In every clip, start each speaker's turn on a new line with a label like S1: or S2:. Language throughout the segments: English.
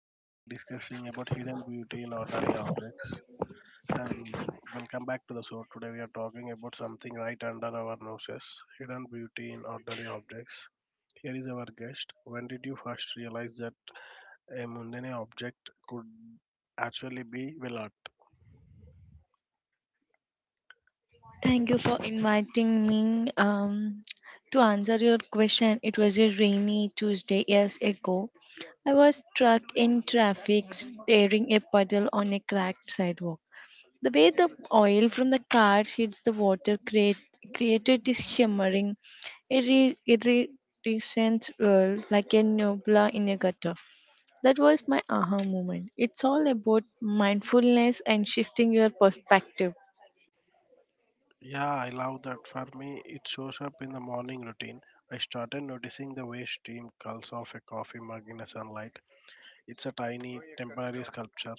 S1: Today we are discussing about hidden beauty in ordinary objects and welcome back to the show. Today we are talking about something right under our noses, hidden beauty in ordinary objects. Here is our guest. When did you first realize that a mundane object could actually be, well, art?
S2: Thank you for inviting me. To answer your question, it was a rainy Tuesday years ago. I was stuck in traffic staring a puddle on a cracked sidewalk. The way the oil from the cars hits the water create, created this shimmering, iridescent world like a nebula in a gutter. That was my aha moment. It's all about mindfulness and shifting your perspective.
S1: Yeah, I love that. For me, it shows up in the morning routine. I started noticing the way steam curls off a coffee mug in the sunlight. It's a tiny temporary sculpture,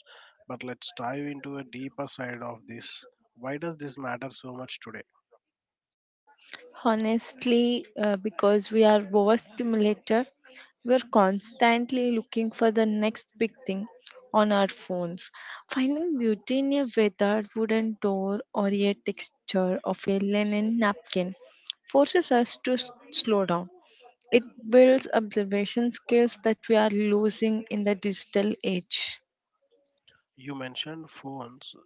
S1: but let's dive into a deeper side of this. Why does this matter so much today?
S2: Honestly, because we are overstimulated, we're constantly looking for the next big thing on our phones. Finding beauty in a weathered wooden door or a texture of a linen napkin forces us to slow down. It builds observation skills that we are losing in the digital age.
S1: You mentioned phones.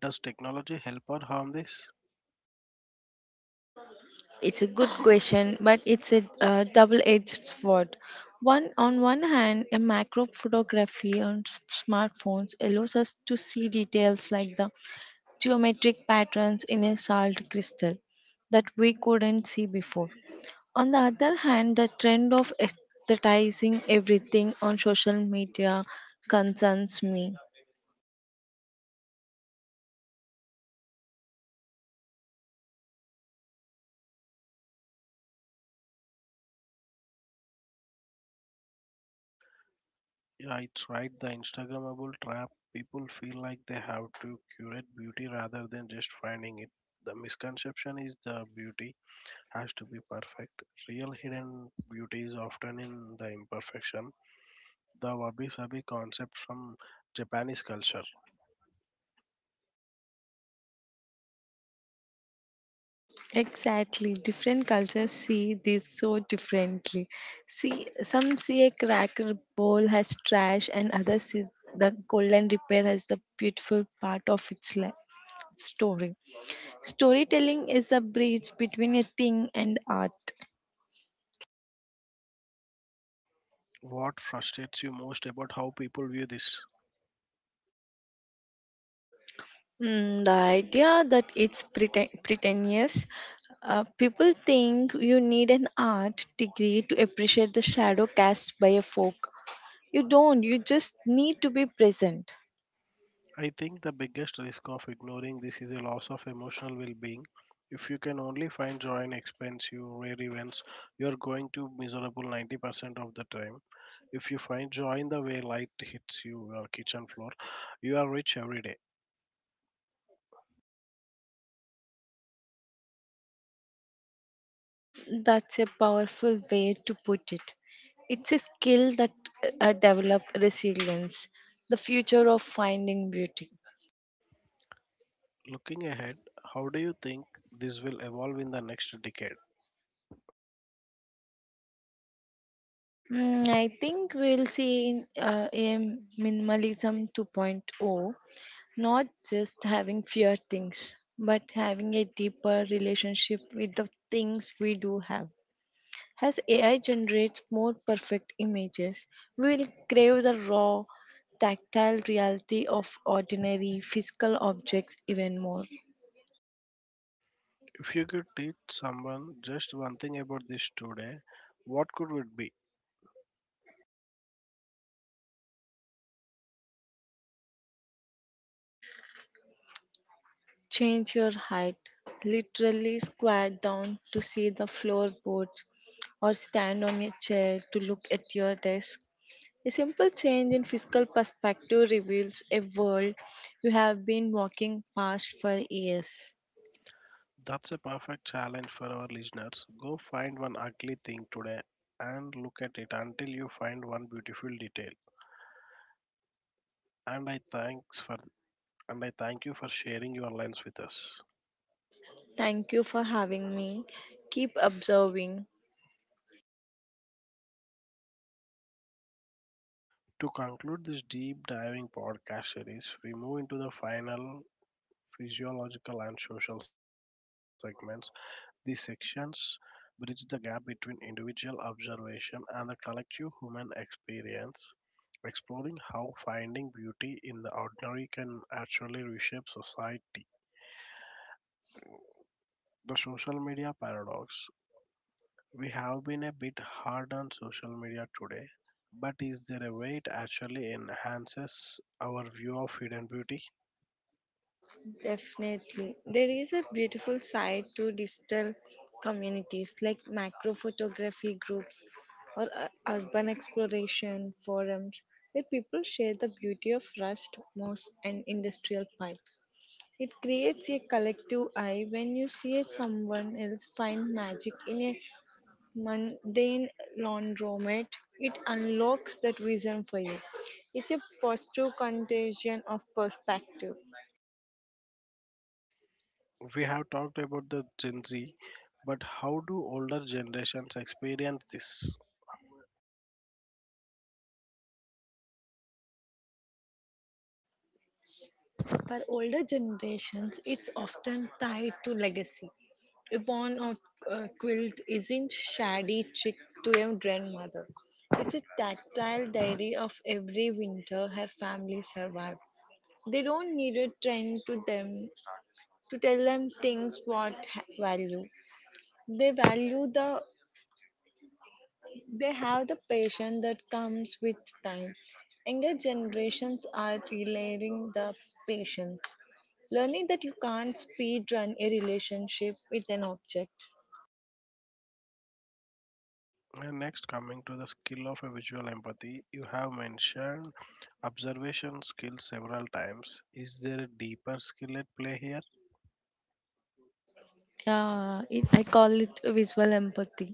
S1: Does technology help or harm this?
S2: It's a good question, but it's a double-edged sword. One on one hand, a macro photography on smartphones allows us to see details like the geometric patterns in a salt crystal that we couldn't see before. On the other hand, the trend of aesthetizing everything on social media concerns me.
S1: Yeah, it's right. The Instagrammable trap. People feel like they have to curate beauty rather than just finding it. The misconception is the beauty has to be perfect. Real hidden beauty is often in the imperfection. The wabi sabi concept from Japanese culture.
S2: Exactly. Different cultures see this so differently. See, some see a cracker bowl as trash, and others see the golden repair as the beautiful part of its life. Story. Storytelling is a bridge between a thing and art.
S1: What frustrates you most about how people view this?
S2: Mm, the idea that it's pretentious, people think you need an art degree to appreciate the shadow cast by a folk. You don't, you just need to be present.
S1: I think the biggest risk of ignoring this is a loss of emotional well being. If you can only find joy in expense, you rare events, you are going to miserable 90% of the time. If you find joy in the way light hits you your kitchen floor, you are rich every day.
S2: That's a powerful way to put it. It's a skill that develops resilience, the future of finding beauty.
S1: Looking ahead, how do you think this will evolve in the next decade?
S2: Mm, I think we'll see in a minimalism 2.0, not just having fewer things, but having a deeper relationship with the things we do have. As AI generates more perfect images, we will crave the raw, tactile reality of ordinary physical objects even more.
S1: If you could teach someone just one thing about this today, what could it be?
S2: Change your height, literally squat down to see the floorboards, or stand on a chair to look at your desk. A simple change in physical perspective reveals a world you have been walking past for years.
S1: That's a perfect challenge for our listeners. Go find one ugly thing today and look at it until you find one beautiful detail. And I thanks for and I thank you for sharing your lens with us.
S2: Thank you for having me. Keep observing.
S1: To conclude this deep diving podcast series, we move into the final physiological and social segments. These sections bridge the gap between individual observation and the collective human experience, exploring how finding beauty in the ordinary can actually reshape society. The social media paradox. We have been a bit hard on social media today, but is there a way it actually enhances our view of hidden beauty?
S2: Definitely. There is a beautiful side to digital communities like macro photography groups or urban exploration forums where people share the beauty of rust, moss, and industrial pipes. It creates a collective eye. When you see someone else find magic in a mundane laundromat, it unlocks that vision for you. It's a positive contagion of perspective.
S1: We have talked about the Gen Z, but how do older generations experience this?
S2: For older generations, it's often tied to legacy. A worn out quilt isn't shabby trick to a grandmother. It's a tactile diary of every winter her family survived. They don't need a trend to them to tell them things value. They value the they have the patience that comes with time. Younger generations are relearning the patience, learning that you can't speed run a relationship with an object.
S1: And next, coming to the skill of a visual empathy, you have mentioned observation skill several times. Is there a deeper skill at play here?
S2: Yeah, it, I call it visual empathy.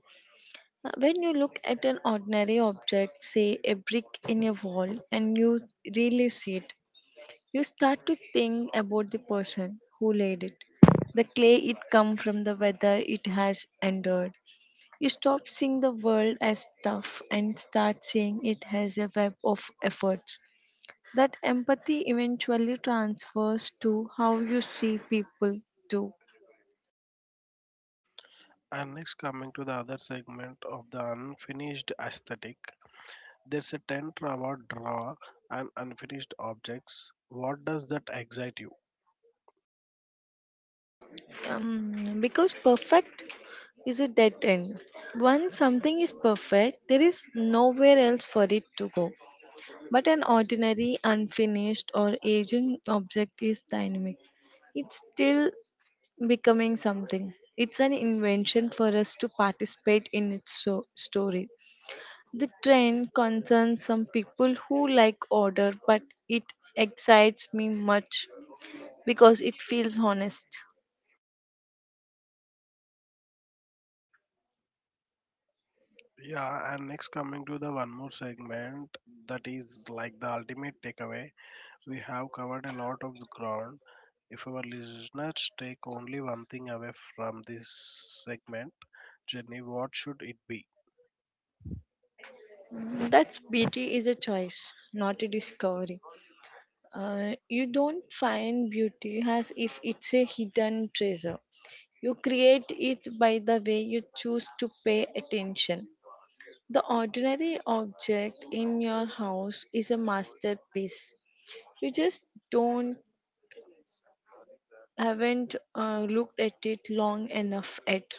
S2: When you look at an ordinary object, say a brick in a wall, and you really see it, you start to think about the person who laid it, the clay it come from, the weather it has endured. You stop seeing the world as tough and start seeing it as a web of efforts. That empathy eventually transfers to how you see people too.
S1: And next, coming to the other segment of the unfinished aesthetic, there's a tent about draw and unfinished objects. What does that excite you?
S2: Because perfect is a dead end. Once something is perfect, there is nowhere else for it to go. But an ordinary, unfinished, or aging object is dynamic. It's still becoming something. It's an invention for us to participate in its story. The trend concerns some people who like order, but it excites me much because it feels honest.
S1: Yeah, and next, coming to the one more segment that is like the ultimate takeaway. We have covered a lot of ground. If our listeners take only one thing away from this segment, Jenny, what should it be?
S2: That's beauty is a choice, not a discovery. You don't find beauty as if it's a hidden treasure. You create it by the way you choose to pay attention. The ordinary object in your house is a masterpiece. You just don't haven't looked at it long enough yet.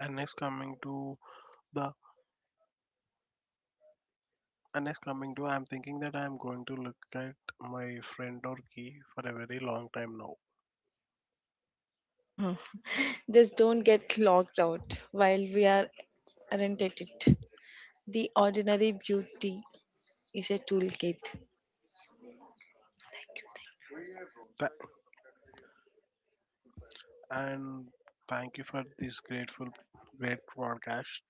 S1: And next coming to the and next coming to I'm thinking that I'm going to look at my friend or key for a very long time now.
S2: Just don't get clogged out while we aren't at it. The ordinary beauty is a toolkit.
S1: Tha- and thank you for this grateful great podcast.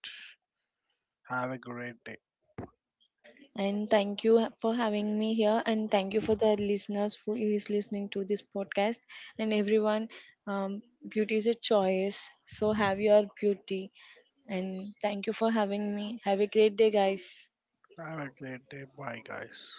S1: Have a great day.
S2: And thank you for having me here. And thank you for the listeners who is listening to this podcast. And everyone, um, beauty is a choice. So have your beauty. And thank you for having me. Have a great day, guys.
S1: Have a great day. Bye guys.